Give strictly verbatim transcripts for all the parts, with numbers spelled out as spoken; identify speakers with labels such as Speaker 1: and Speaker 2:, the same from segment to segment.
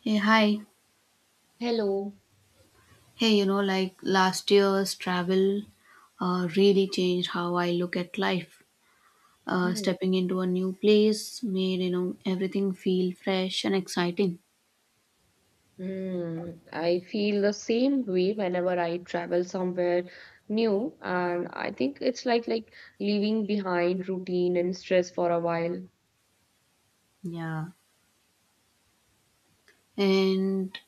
Speaker 1: Hey, hi.
Speaker 2: Hello.
Speaker 1: Hey, you know, like last year's travel uh, really changed how I look at life. Uh,
Speaker 2: Hmm.
Speaker 1: stepping into a new place made, you know, everything feel fresh and exciting.
Speaker 2: Mm, I feel the same way whenever I travel somewhere new, and I think it's like like leaving behind routine and stress for a while.
Speaker 1: Yeah. And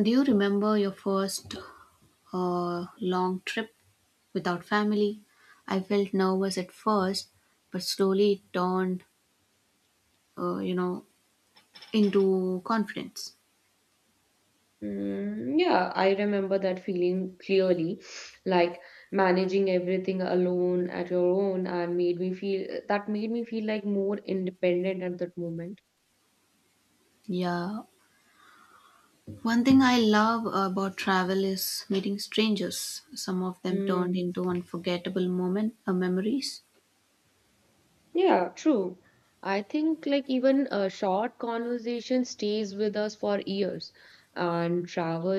Speaker 1: do you remember your first uh, long trip without family? I felt nervous at first, but slowly it turned, uh, you know, into confidence.
Speaker 2: Mm, yeah, I remember that feeling clearly, like managing everything alone at your own, and made me feel that made me feel like more independent at that moment.
Speaker 1: Yeah. One thing I love about travel is meeting strangers. Some of them turned
Speaker 2: Hmm.
Speaker 1: into unforgettable moment uh, memories.
Speaker 2: Yeah, true. I think like even a short conversation stays with us for years and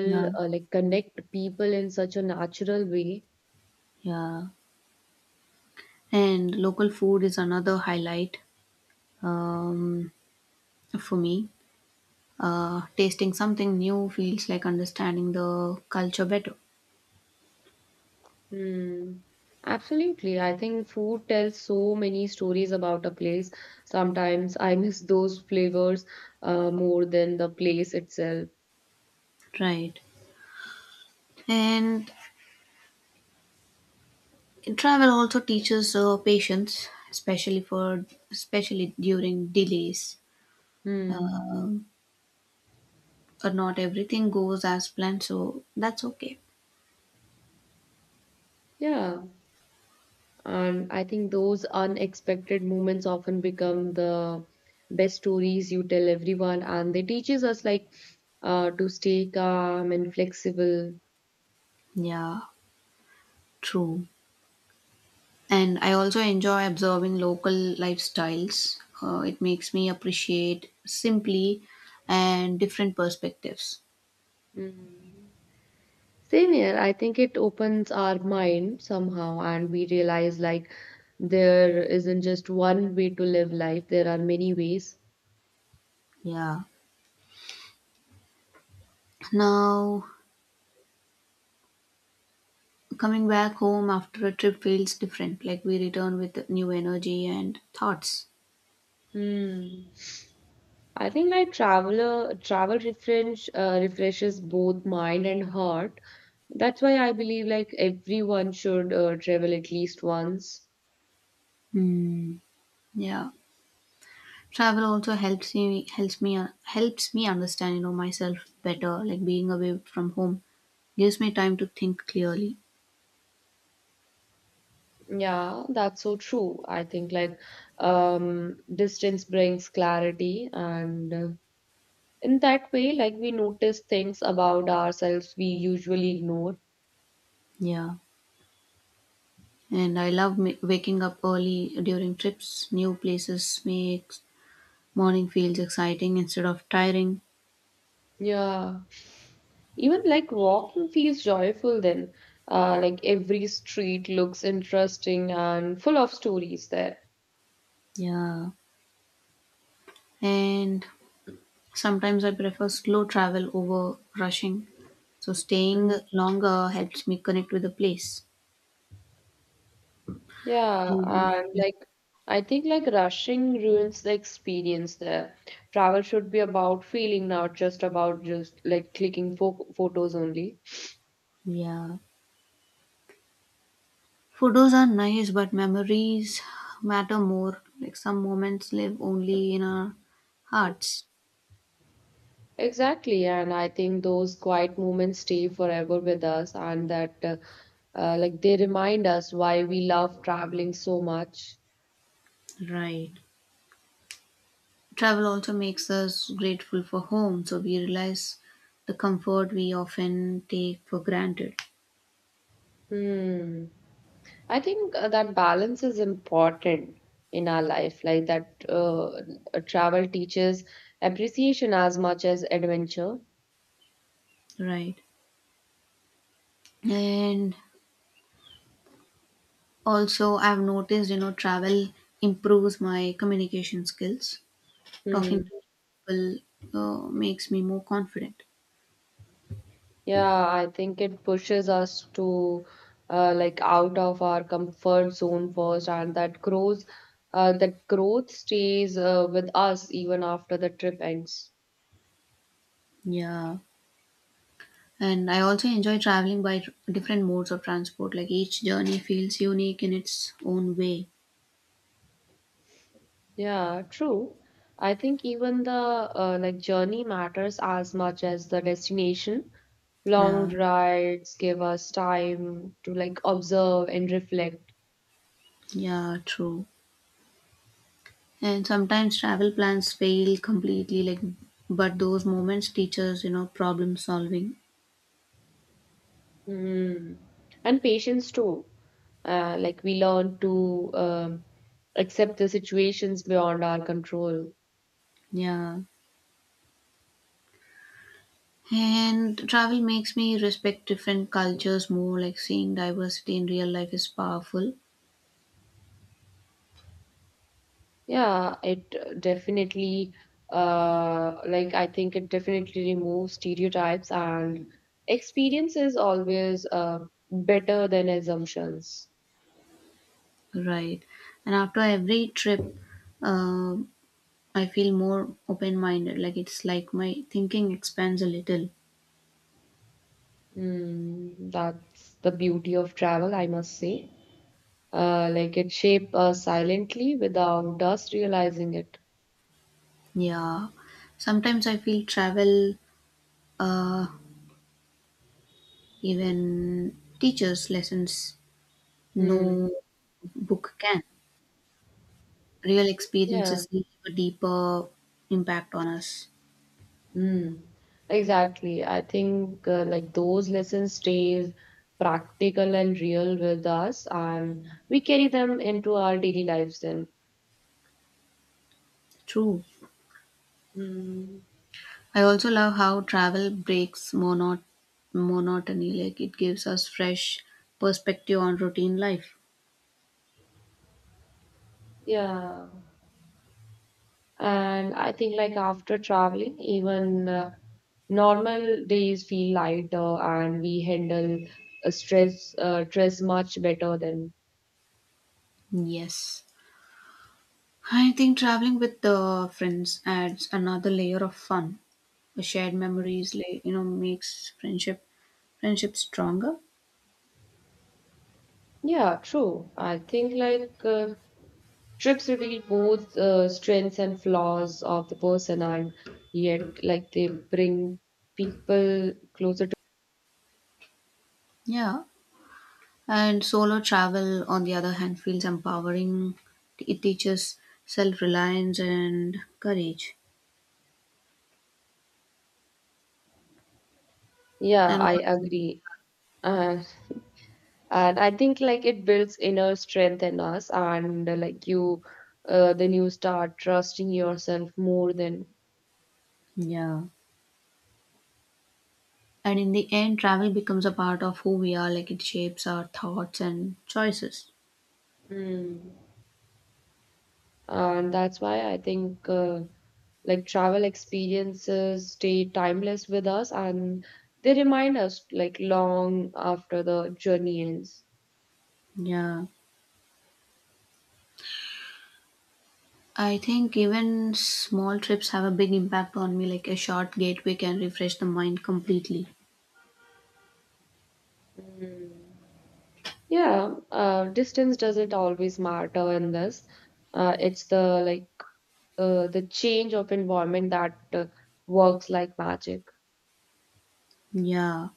Speaker 1: Yeah,
Speaker 2: uh, like connect people in such a natural way.
Speaker 1: yeah. And local food is another highlight um, for me. Uh, tasting something new feels like understanding the culture better.
Speaker 2: Hmm. Absolutely. I think food tells so many stories about a place. Sometimes I miss those flavors uh, more than the place itself.
Speaker 1: Right. And travel also teaches uh, patience, especially for especially during delays.
Speaker 2: Hmm.
Speaker 1: Uh, but not everything goes as planned, so that's okay.
Speaker 2: Yeah. And I think those unexpected moments often become the best stories you tell everyone, and they teaches us like uh, to stay calm and flexible.
Speaker 1: Yeah, true. And I also enjoy observing local lifestyles. Uh, it makes me appreciate simply and different perspectives.
Speaker 2: Mm. Same here. I think it opens our mind somehow, and we realize like there isn't just one way to live life. There are many ways.
Speaker 1: Yeah. Now, coming back home after a trip feels different. Like we return with new energy and thoughts.
Speaker 2: Hmm. I think like traveler travel refresh uh, refreshes both mind and heart. That's why I believe like everyone should uh, travel at least once.
Speaker 1: Hmm. Yeah. Travel also helps me helps me helps me understand you know myself better. Like being away from home gives me time to think clearly.
Speaker 2: Yeah, that's so true. I think like um, distance brings clarity, and uh, in that way, like we notice things about ourselves we usually ignore.
Speaker 1: Yeah. And I love m- waking up early during trips. New places makes morning feels exciting instead of tiring.
Speaker 2: Yeah, even like walking feels joyful then. Uh, like every street looks interesting and full of stories there.
Speaker 1: Yeah. And sometimes I prefer slow travel over rushing. So staying
Speaker 2: Mm-hmm.
Speaker 1: longer helps me connect with the place.
Speaker 2: Yeah,
Speaker 1: And
Speaker 2: and like I think like rushing ruins the experience there. Travel should be about feeling, not just about just like clicking fo photos only.
Speaker 1: yeah. Photos are nice, but memories matter more. Like some moments live only in our hearts.
Speaker 2: Exactly, and I think those quiet moments stay forever with us, and that uh, uh, like they remind us why we love traveling so much.
Speaker 1: Right. Travel also makes us grateful for home, so we realize the comfort we often take for granted,
Speaker 2: Hmm. I think uh, that balance is important in our life, like that uh, travel teaches appreciation as much as adventure.
Speaker 1: right? And also, I've noticed, you know, travel improves my communication skills. Talking
Speaker 2: Hmm.
Speaker 1: to people uh, makes me more confident.
Speaker 2: Yeah, I think it pushes us to uh, like out of our comfort zone first, and that grows, uh, that growth stays uh, with us even after the trip ends.
Speaker 1: Yeah. And I also enjoy traveling by tr- different modes of transport, like each journey feels unique in its own way.
Speaker 2: Yeah, true. I think even the uh, like journey matters as much as the destination. Long
Speaker 1: Yeah.
Speaker 2: rides give us time to like observe and reflect.
Speaker 1: Yeah, true. And sometimes travel plans fail completely, like, but those moments teach us, you know, problem solving.
Speaker 2: Mm. And patience too. Uh, like we learn to um, accept the situations beyond our control.
Speaker 1: Yeah. And travel makes me respect different cultures more, like seeing diversity in real life is powerful.
Speaker 2: Yeah, it uh, definitely, uh, like I think it definitely removes stereotypes, and experience is always uh, better than assumptions.
Speaker 1: Right. And after every trip, uh, I feel more open minded, like it's like my thinking expands a little.
Speaker 2: Mm, that's the beauty of travel, I must say. Uh, like it shapes us silently without us realizing it.
Speaker 1: Yeah. Sometimes I feel travel uh, even teaches lessons
Speaker 2: Mm,
Speaker 1: no book can. Real
Speaker 2: yeah.
Speaker 1: experiences leave a deeper impact on us.
Speaker 2: Mm, exactly. I think uh, like those lessons stays practical and real with us, and we carry them into our daily lives then.
Speaker 1: True.
Speaker 2: Mm,
Speaker 1: I also love how travel breaks monot- monotony, like it gives us fresh perspective on routine life.
Speaker 2: yeah. And I think like after traveling, even uh, normal days feel lighter, and we handle uh, stress uh, stress much better than.
Speaker 1: Yes. I think traveling with the friends adds another layer of fun. The shared memories, like you know, makes friendship friendship stronger.
Speaker 2: Yeah, true. I think like uh, Trips reveal both uh, strengths and flaws of the person, and yet, like, they bring people closer to.
Speaker 1: Yeah. And solo travel, on the other hand, feels empowering. It teaches self reliance and courage.
Speaker 2: Yeah,
Speaker 1: And
Speaker 2: I
Speaker 1: also,
Speaker 2: agree. Uh, and I think, like, it builds inner strength in us, and uh, like, you, uh, then you start trusting yourself more than.
Speaker 1: yeah. And in the end, travel becomes a part of who we are, like it shapes our thoughts and choices.
Speaker 2: Mm. And that's why I think. Uh, like travel experiences stay timeless with us and they remind us like long after the journey ends.
Speaker 1: Yeah. I think even small trips have a big impact on me, like a short gateway can refresh the mind completely.
Speaker 2: Mm. Yeah, uh, distance doesn't always matter in this. Uh, it's the like uh, the change of environment that uh, works like magic.
Speaker 1: Yeah.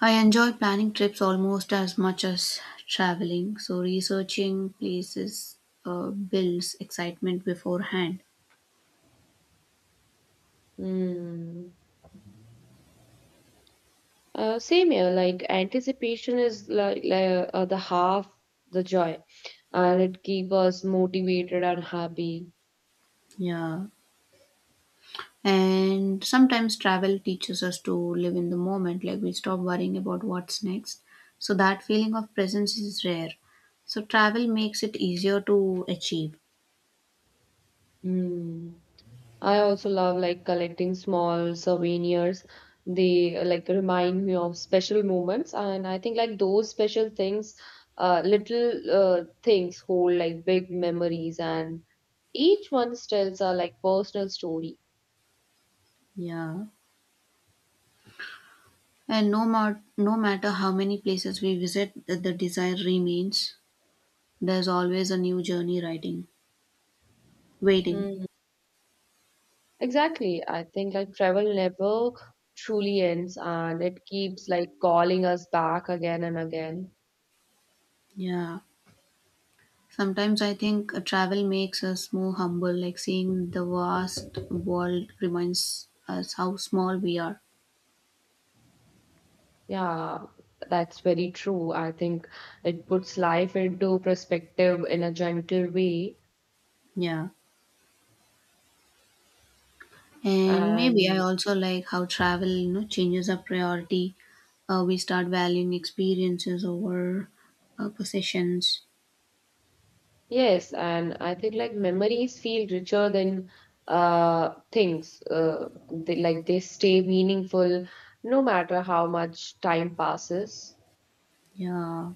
Speaker 1: I enjoy planning trips almost as much as traveling, so researching places uh, builds excitement beforehand.
Speaker 2: Mm. Uh, same here. Like anticipation is like, like uh, the half the joy, and it keeps us motivated and happy.
Speaker 1: Yeah. And sometimes travel teaches us to live in the moment, like we stop worrying about what's next. So that feeling of presence is rare. So travel makes it easier to achieve.
Speaker 2: Mm. I also love like collecting small souvenirs. They uh, like remind me of special moments, and I think like those special things, uh, little uh, things hold like big memories, and each one tells a like personal story.
Speaker 1: Yeah. And no, ma- no matter how many places we visit, the, the desire remains. There's always a new journey writing, waiting.
Speaker 2: Mm, exactly. I think like travel never truly ends, and it keeps like calling us back again and again.
Speaker 1: Yeah. Sometimes I think uh, travel makes us more humble, like seeing the vast world reminds us how small we are.
Speaker 2: Yeah, that's very true. I think it puts life into perspective in a gentle way.
Speaker 1: Yeah. And maybe I
Speaker 2: And
Speaker 1: also like how travel, you know, changes our priority. Uh, we start valuing experiences over uh, possessions.
Speaker 2: yes, and I think like memories feel richer than uh things. Uh, they, like they stay meaningful no matter how much time passes.
Speaker 1: Yeah.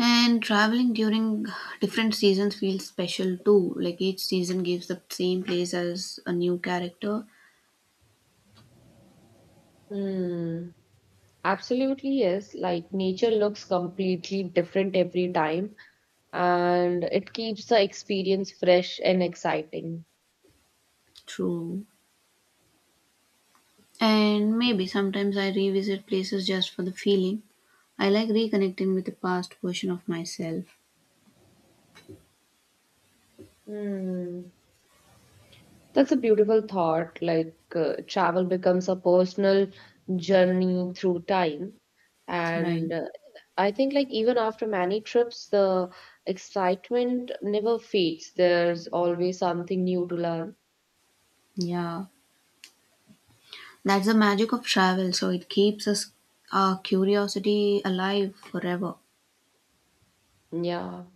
Speaker 1: And traveling during different seasons feels special too. Like each season gives the same place as a new character.
Speaker 2: Hmm, absolutely yes. Like nature looks completely different every time, and it keeps the experience fresh and exciting.
Speaker 1: True. And maybe sometimes I revisit places just for the feeling. I like reconnecting with the past version of myself.
Speaker 2: Hmm. That's a beautiful thought. Like uh, travel becomes a personal journey through time.
Speaker 1: Right.
Speaker 2: And uh, I think, like, even after many trips, the excitement never fades. There's always something new to learn.
Speaker 1: Yeah. That's the magic of travel. So it keeps us our curiosity alive forever.
Speaker 2: Yeah.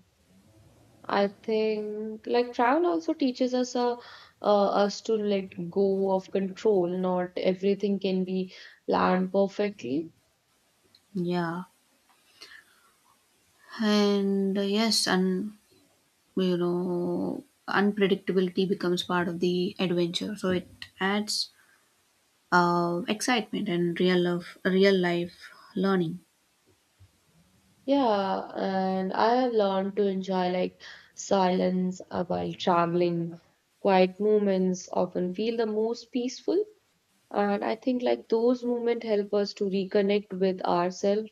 Speaker 2: I think, like, travel also teaches us a, uh, us to let go of control. Not everything can be planned perfectly.
Speaker 1: Yeah. And uh, yes, and you know, unpredictability becomes part of the adventure. So it adds uh, excitement and real love, real life learning.
Speaker 2: Yeah, and I have learned to enjoy like silence uh, while traveling. Quiet moments often feel the most peaceful, and I think like those moments help us to reconnect with ourselves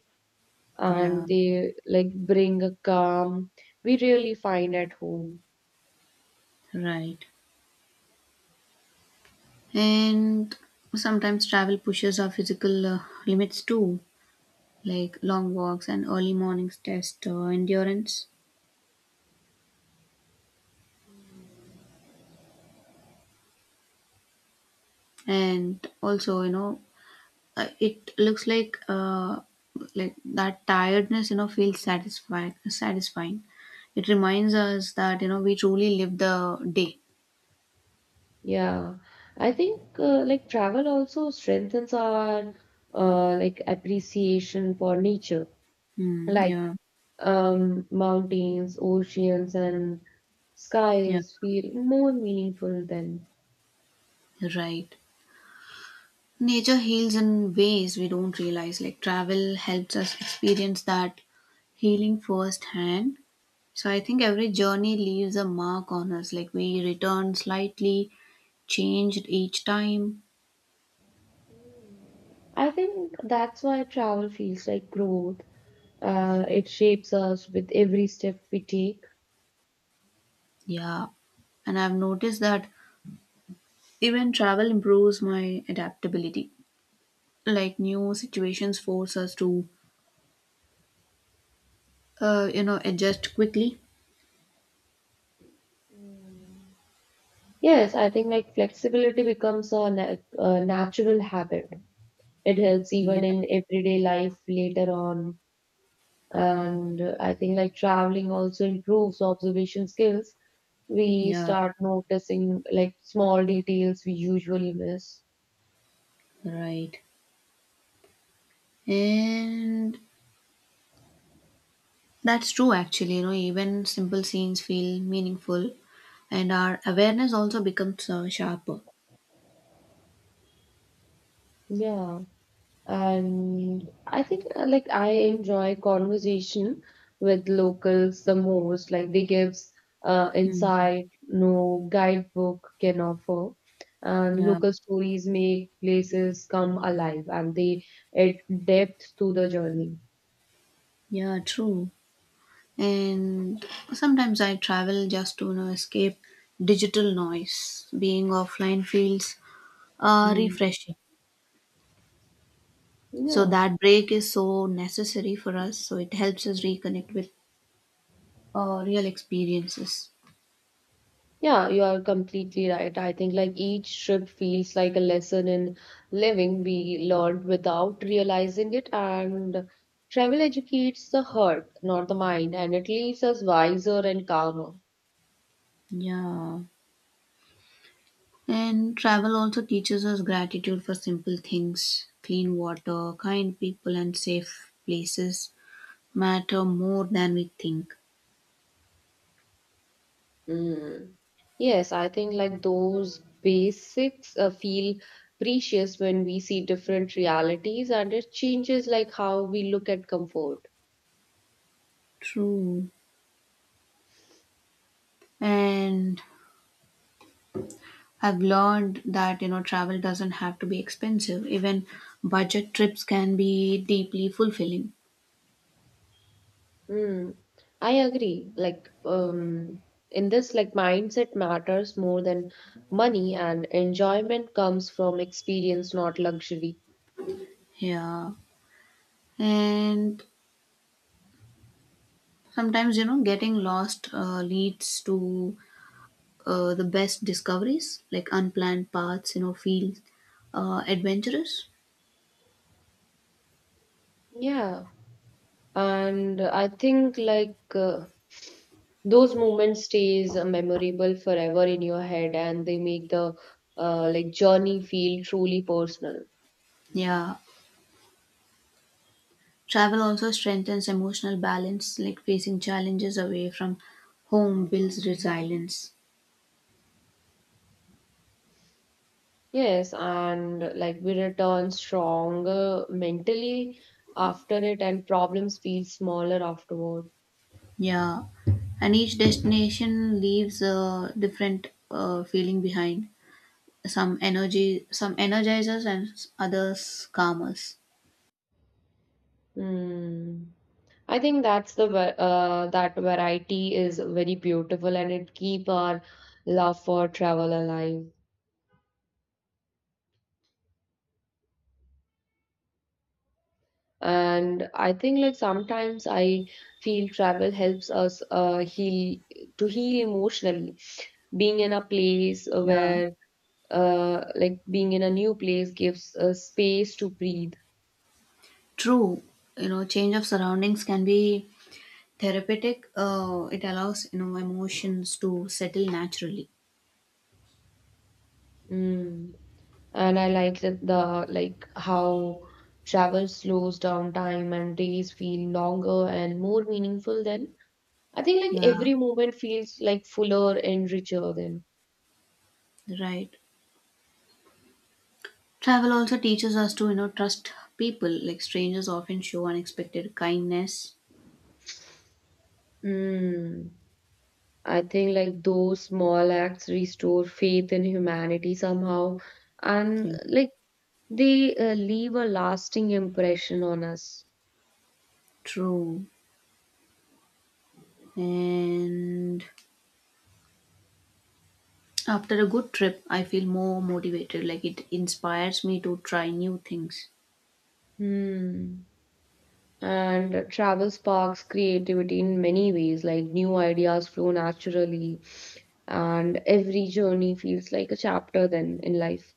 Speaker 2: and
Speaker 1: Yeah.
Speaker 2: they like bring a calm we really find at home.
Speaker 1: Right. And sometimes travel pushes our physical uh, limits too, like long walks and early mornings test uh, endurance. And also, you know, uh, it looks like uh, like that tiredness, you know, feels satisfying. Satisfying. It reminds us that you know we truly live the day.
Speaker 2: Yeah, I think uh, like travel also strengthens our uh, like appreciation for nature.
Speaker 1: Mm,
Speaker 2: Like
Speaker 1: yeah,
Speaker 2: um, mountains, oceans, and
Speaker 1: yeah,
Speaker 2: skies feel more meaningful then.
Speaker 1: right. Nature heals in ways we don't realize. Like travel helps us experience that healing firsthand. So I think every journey leaves a mark on us. Like we return slightly changed each time.
Speaker 2: I think that's why travel feels like growth. Uh, it shapes us with every step we take.
Speaker 1: Yeah. And I've noticed that even travel improves my adaptability. Like new situations force us to, uh, you know, adjust quickly.
Speaker 2: Mm. Yes, I think like flexibility becomes a, na- a natural habit. It helps
Speaker 1: Yeah.
Speaker 2: even in everyday life later on. And uh, I think like traveling also improves observation skills. We
Speaker 1: Yeah.
Speaker 2: start noticing like small details we usually miss.
Speaker 1: Right. And that's true actually. You know, even simple scenes feel meaningful and our awareness also becomes uh, sharper.
Speaker 2: Yeah, and I think uh, like I enjoy conversation with locals the most. Like they gives uh,
Speaker 1: Mm.
Speaker 2: insight no guidebook can offer, and
Speaker 1: Yeah.
Speaker 2: local stories make places come alive and they add depth to the journey.
Speaker 1: Yeah. True. And sometimes I travel just to you know, escape digital noise. Being offline feels uh,
Speaker 2: Hmm.
Speaker 1: refreshing, so
Speaker 2: Yeah.
Speaker 1: that break is so necessary for us, so it helps us reconnect with uh, real experiences.
Speaker 2: Yeah, you are completely right. I think like each trip feels like a lesson in living we learned without realizing it, and travel educates the heart, not the mind, and it leaves us wiser and calmer.
Speaker 1: Yeah. And travel also teaches us gratitude for simple things. Clean water, kind people and safe places matter more than we think.
Speaker 2: Mm. Yes, I think like those basics uh, feel precious when we see different realities, and it changes like how we look at comfort.
Speaker 1: True. And I've learned that, you know, travel doesn't have to be expensive. Even budget trips can be deeply fulfilling.
Speaker 2: Mm, I agree. Like, um, in this, like, mindset matters more than money, and enjoyment comes from experience, not luxury.
Speaker 1: Yeah. And sometimes, you know, getting lost uh, leads to uh, the best discoveries, like unplanned paths, you know, feel uh, adventurous.
Speaker 2: Yeah, and I think like uh, those moments stays uh, memorable forever in your head, and they make the uh, like journey feel truly personal.
Speaker 1: Yeah. Travel also strengthens emotional balance, like facing challenges away from home builds resilience.
Speaker 2: Yes, and like we return stronger mentally after it, and problems feel smaller afterward.
Speaker 1: Yeah, and each destination leaves a different uh, feeling behind. Some energy, some energizers, and s- others calm us.
Speaker 2: Mm. I think that's the va- uh, that variety is very beautiful and it keep our love for travel alive. And I think like sometimes I feel travel helps us uh, heal to heal emotionally. Being in a place
Speaker 1: Yeah,
Speaker 2: where uh, Like being in a new place gives uh, space to breathe.
Speaker 1: true. You know, change of surroundings can be therapeutic. Uh, it allows you know emotions to settle naturally.
Speaker 2: Mm. And I like that the like how travel slows down time and days feel longer and more meaningful then. I think like
Speaker 1: Yeah,
Speaker 2: every moment feels like fuller and richer then.
Speaker 1: right. Travel also teaches us to you know trust people. Like strangers often show unexpected kindness.
Speaker 2: Hmm. I think like those small acts restore faith in humanity somehow,
Speaker 1: Yeah,
Speaker 2: and like they uh, leave a lasting impression on us.
Speaker 1: true. And after a good trip, I feel more motivated. Like it inspires me to try new things.
Speaker 2: Hmm. And travel sparks creativity in many ways, like new ideas flow naturally, and every journey feels like a chapter then in life.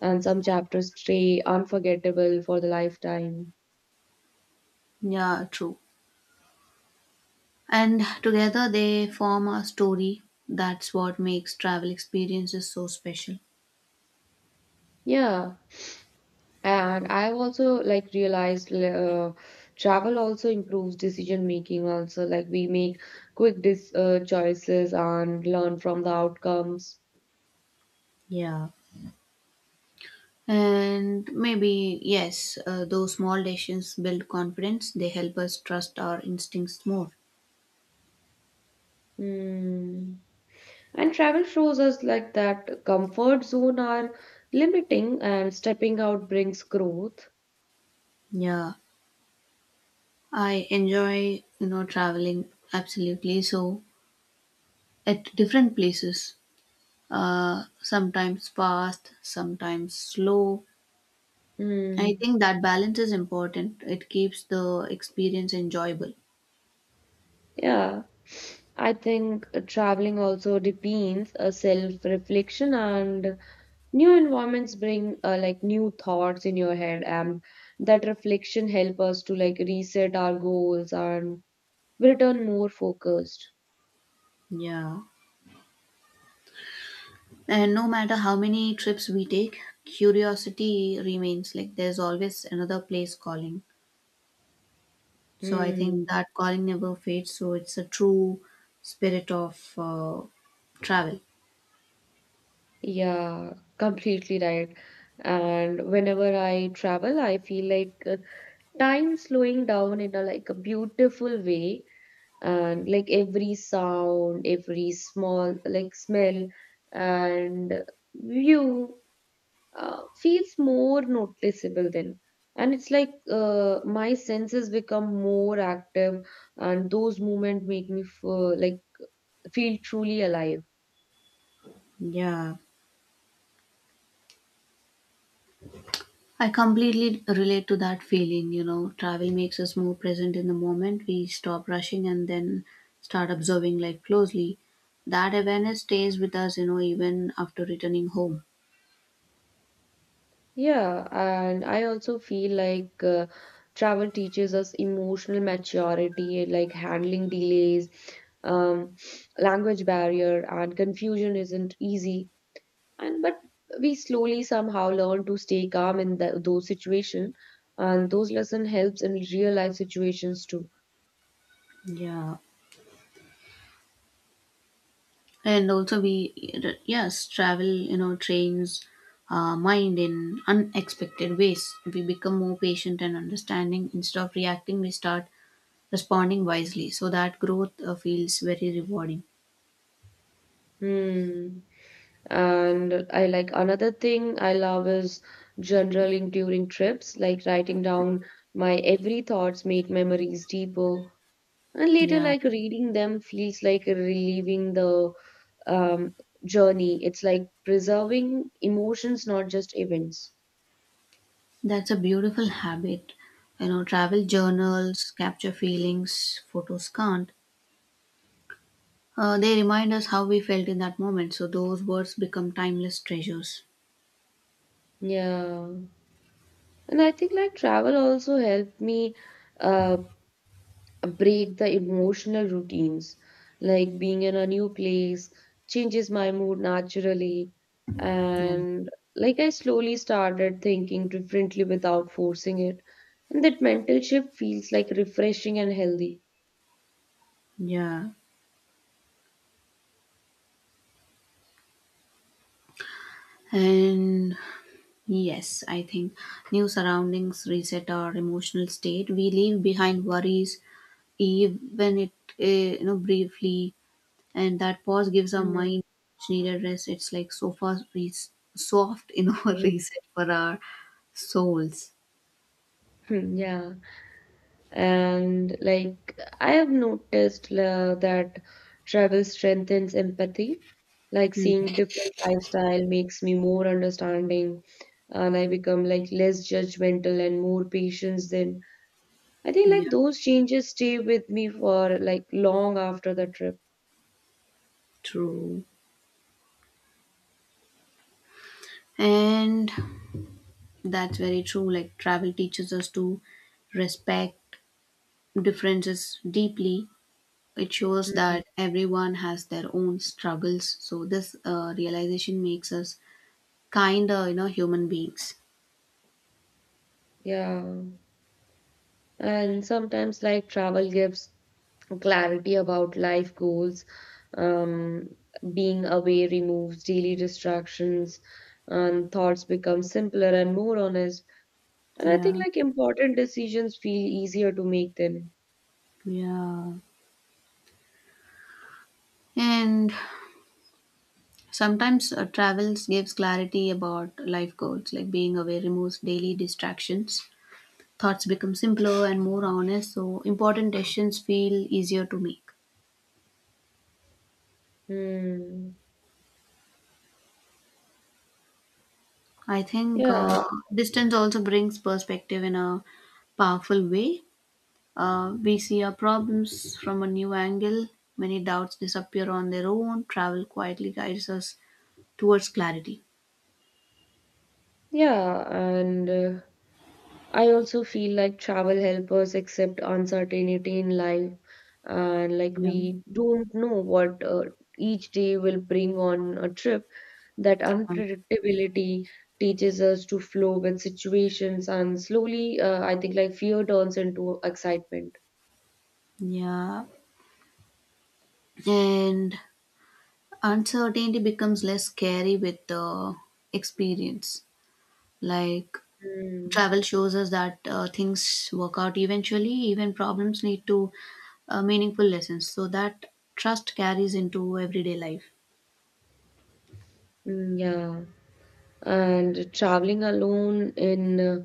Speaker 2: And some chapters stay unforgettable for the lifetime.
Speaker 1: Yeah, true. And together they form a story. That's what makes travel experiences so special.
Speaker 2: Yeah. And I've also like realized uh, travel also improves decision making also like we make quick dis uh, choices and learn from the outcomes.
Speaker 1: Yeah. And maybe, yes, uh, those small decisions build confidence. They help us trust our instincts more.
Speaker 2: Hmm. And travel shows us like that comfort zone are limiting and stepping out brings growth.
Speaker 1: Yeah, I enjoy, you know, traveling absolutely. So, at different places, uh, sometimes fast, sometimes slow, I
Speaker 2: Hmm.
Speaker 1: think that balance is important. It keeps the experience enjoyable.
Speaker 2: Yeah, I think uh, traveling also deepens a self-reflection and new environments bring uh, like new thoughts in your head and that reflection help us to like reset our goals and return more focused.
Speaker 1: Yeah. And no matter how many trips we take, curiosity remains. Like there's always another place calling. So I think
Speaker 2: Hmm.
Speaker 1: that calling never fades. So it's a true spirit of uh, travel.
Speaker 2: Yeah, completely right. And whenever I travel, I feel like uh, time slowing down in a like a beautiful way and like every sound, every small like smell and view uh, feels more noticeable then. And it's like uh, my senses become more active, and those movements make me feel, like feel truly alive.
Speaker 1: Yeah. I completely relate to that feeling, you know. Travel makes us more present in the moment. We stop rushing and then start observing life closely. That awareness stays with us, you know, even after returning home.
Speaker 2: Yeah, and I also feel like uh, travel teaches us emotional maturity, like handling delays, um, language barrier, and confusion isn't easy. And but we slowly somehow learn to stay calm in the, those situations and those lesson helps in real life situations too.
Speaker 1: Yeah. And also, we, yes, travel, you know, trains our mind in unexpected ways. We become more patient and understanding. Instead of reacting, we start responding wisely. So that growth uh, feels very rewarding.
Speaker 2: Hmm. And I like another thing I love is journaling during trips, like writing down my every thoughts make memories deeper and later
Speaker 1: Yeah.
Speaker 2: like reading them feels like relieving the um, journey. It's like preserving emotions, not just events.
Speaker 1: That's a beautiful habit. You know, travel
Speaker 2: Mm,
Speaker 1: journals capture feelings, photos can't. Uh, they remind us how we felt in that moment, so those words become timeless treasures.
Speaker 2: yeah. And I think like travel also helped me uh, break the emotional routines. Like being in a new place changes my mood naturally.
Speaker 1: Yeah.
Speaker 2: And like I slowly started thinking differently without forcing it. And that mental shift feels like refreshing and healthy.
Speaker 1: Yeah. And yes, I think new surroundings reset our emotional state. We leave behind worries, even it, eh, you know, briefly, and that pause gives our
Speaker 2: Mm.
Speaker 1: mind much needed rest. It's like so far, re- soft, you know, reset for our souls.
Speaker 2: Yeah. And like I have noticed uh, that travel strengthens empathy. Like
Speaker 1: Hmm.
Speaker 2: seeing different lifestyle makes me more understanding, and I become like less judgmental and more patient. Then I think like
Speaker 1: Yeah,
Speaker 2: those changes stay with me for like long after the trip.
Speaker 1: true. And that's very true. Like, travel teaches us to respect differences deeply. It shows
Speaker 2: Hmm.
Speaker 1: that everyone has their own struggles. So, this uh, realization makes us kinder, you know, human beings.
Speaker 2: Yeah. And sometimes, like, travel gives clarity about life goals. Um, Being away removes daily distractions, and thoughts become simpler and more honest. And I think,
Speaker 1: Yeah,
Speaker 2: like, important decisions feel easier to make then.
Speaker 1: yeah. And sometimes uh, travels gives clarity about life goals, like being aware removes daily distractions. Thoughts become simpler and more honest, so important decisions feel easier to make.
Speaker 2: Hmm.
Speaker 1: I think uh,
Speaker 2: Yeah,
Speaker 1: distance also brings perspective in a powerful way. Uh, we see our problems from a new angle. Many doubts disappear on their own. Travel quietly guides us towards clarity.
Speaker 2: yeah, and uh, I also feel like travel help us accept uncertainty in life, and like
Speaker 1: Yeah.
Speaker 2: we don't know what uh, each day will bring on a trip. That
Speaker 1: Um,
Speaker 2: unpredictability teaches us to flow with situations, and slowly, uh, I think like fear turns into excitement.
Speaker 1: Yeah, and uncertainty becomes less scary with the experience. Like
Speaker 2: Mm,
Speaker 1: travel shows us that uh, things work out eventually, even problems need to uh, meaningful lessons, so that trust carries into everyday life.
Speaker 2: mm, yeah. And traveling alone in uh,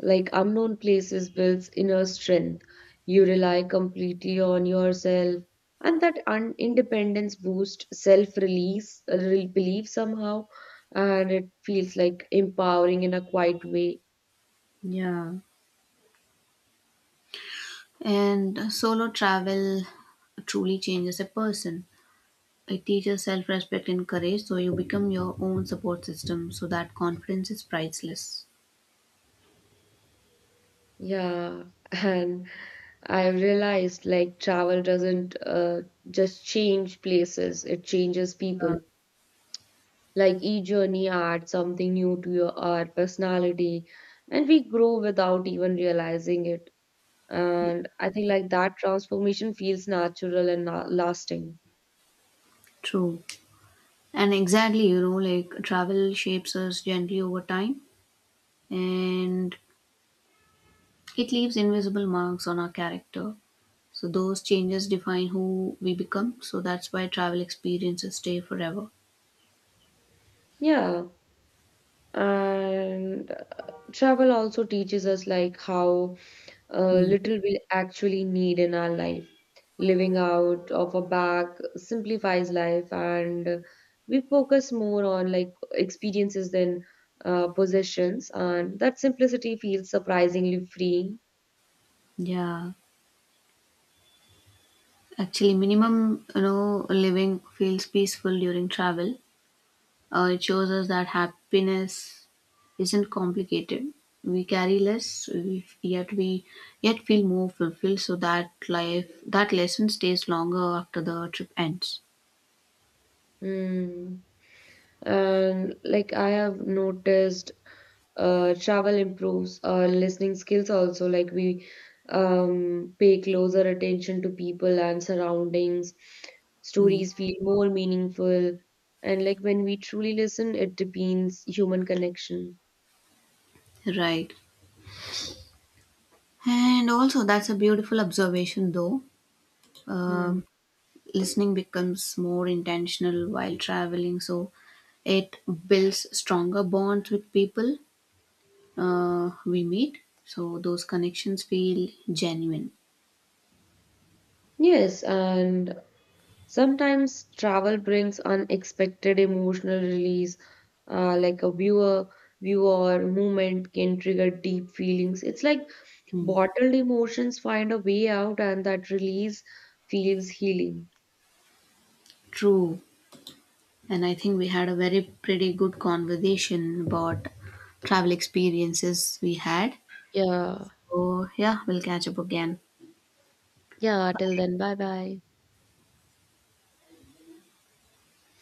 Speaker 2: like unknown places builds inner strength. You rely completely on yourself, and that un- independence boosts self release, belief somehow, and it feels like empowering in a quiet way.
Speaker 1: Yeah. And solo travel truly changes a person. It teaches self-respect and courage, so you become your own support system, so that confidence is priceless.
Speaker 2: Yeah, and I've realized like travel doesn't uh, just change places, it changes people. Like each journey adds something new to your our personality, and we grow without even realizing it. And I think like that transformation feels natural and na- lasting.
Speaker 1: True. And exactly, you know, like travel shapes us gently over time, and it leaves invisible marks on our character. So those changes define who we become. So that's why travel experiences stay forever.
Speaker 2: Yeah. And uh, travel also teaches us like how uh,
Speaker 1: Hmm.
Speaker 2: little we actually need in our life. Living out of a bag simplifies life and we focus more on like experiences than uh, possessions and that simplicity feels surprisingly freeing.
Speaker 1: Yeah, actually, minimum you know living feels peaceful during travel. Uh, it shows us that happiness isn't complicated. We carry less, we, yet we yet feel more fulfilled. So that life, that lesson stays longer after the trip ends.
Speaker 2: Mm. And like I have noticed, uh, travel improves our listening skills also. Like we um, pay closer attention to people and surroundings.
Speaker 1: Hmm.
Speaker 2: Stories feel more meaningful. And like when we truly listen, it deepens human connection.
Speaker 1: Right. And also, that's a beautiful observation, though.
Speaker 2: Hmm.
Speaker 1: Um Listening becomes more intentional while traveling, so it builds stronger bonds with people uh, we meet, so those connections feel genuine.
Speaker 2: Yes, and sometimes travel brings unexpected emotional release, uh, like a viewer, viewer moment can trigger deep feelings. It's like
Speaker 1: Hmm.
Speaker 2: bottled emotions find a way out, and that release feels healing.
Speaker 1: True. And I think we had a very pretty good conversation about travel experiences we had,
Speaker 2: Yeah.
Speaker 1: so yeah, we'll catch up again.
Speaker 2: Yeah. Till then, bye bye.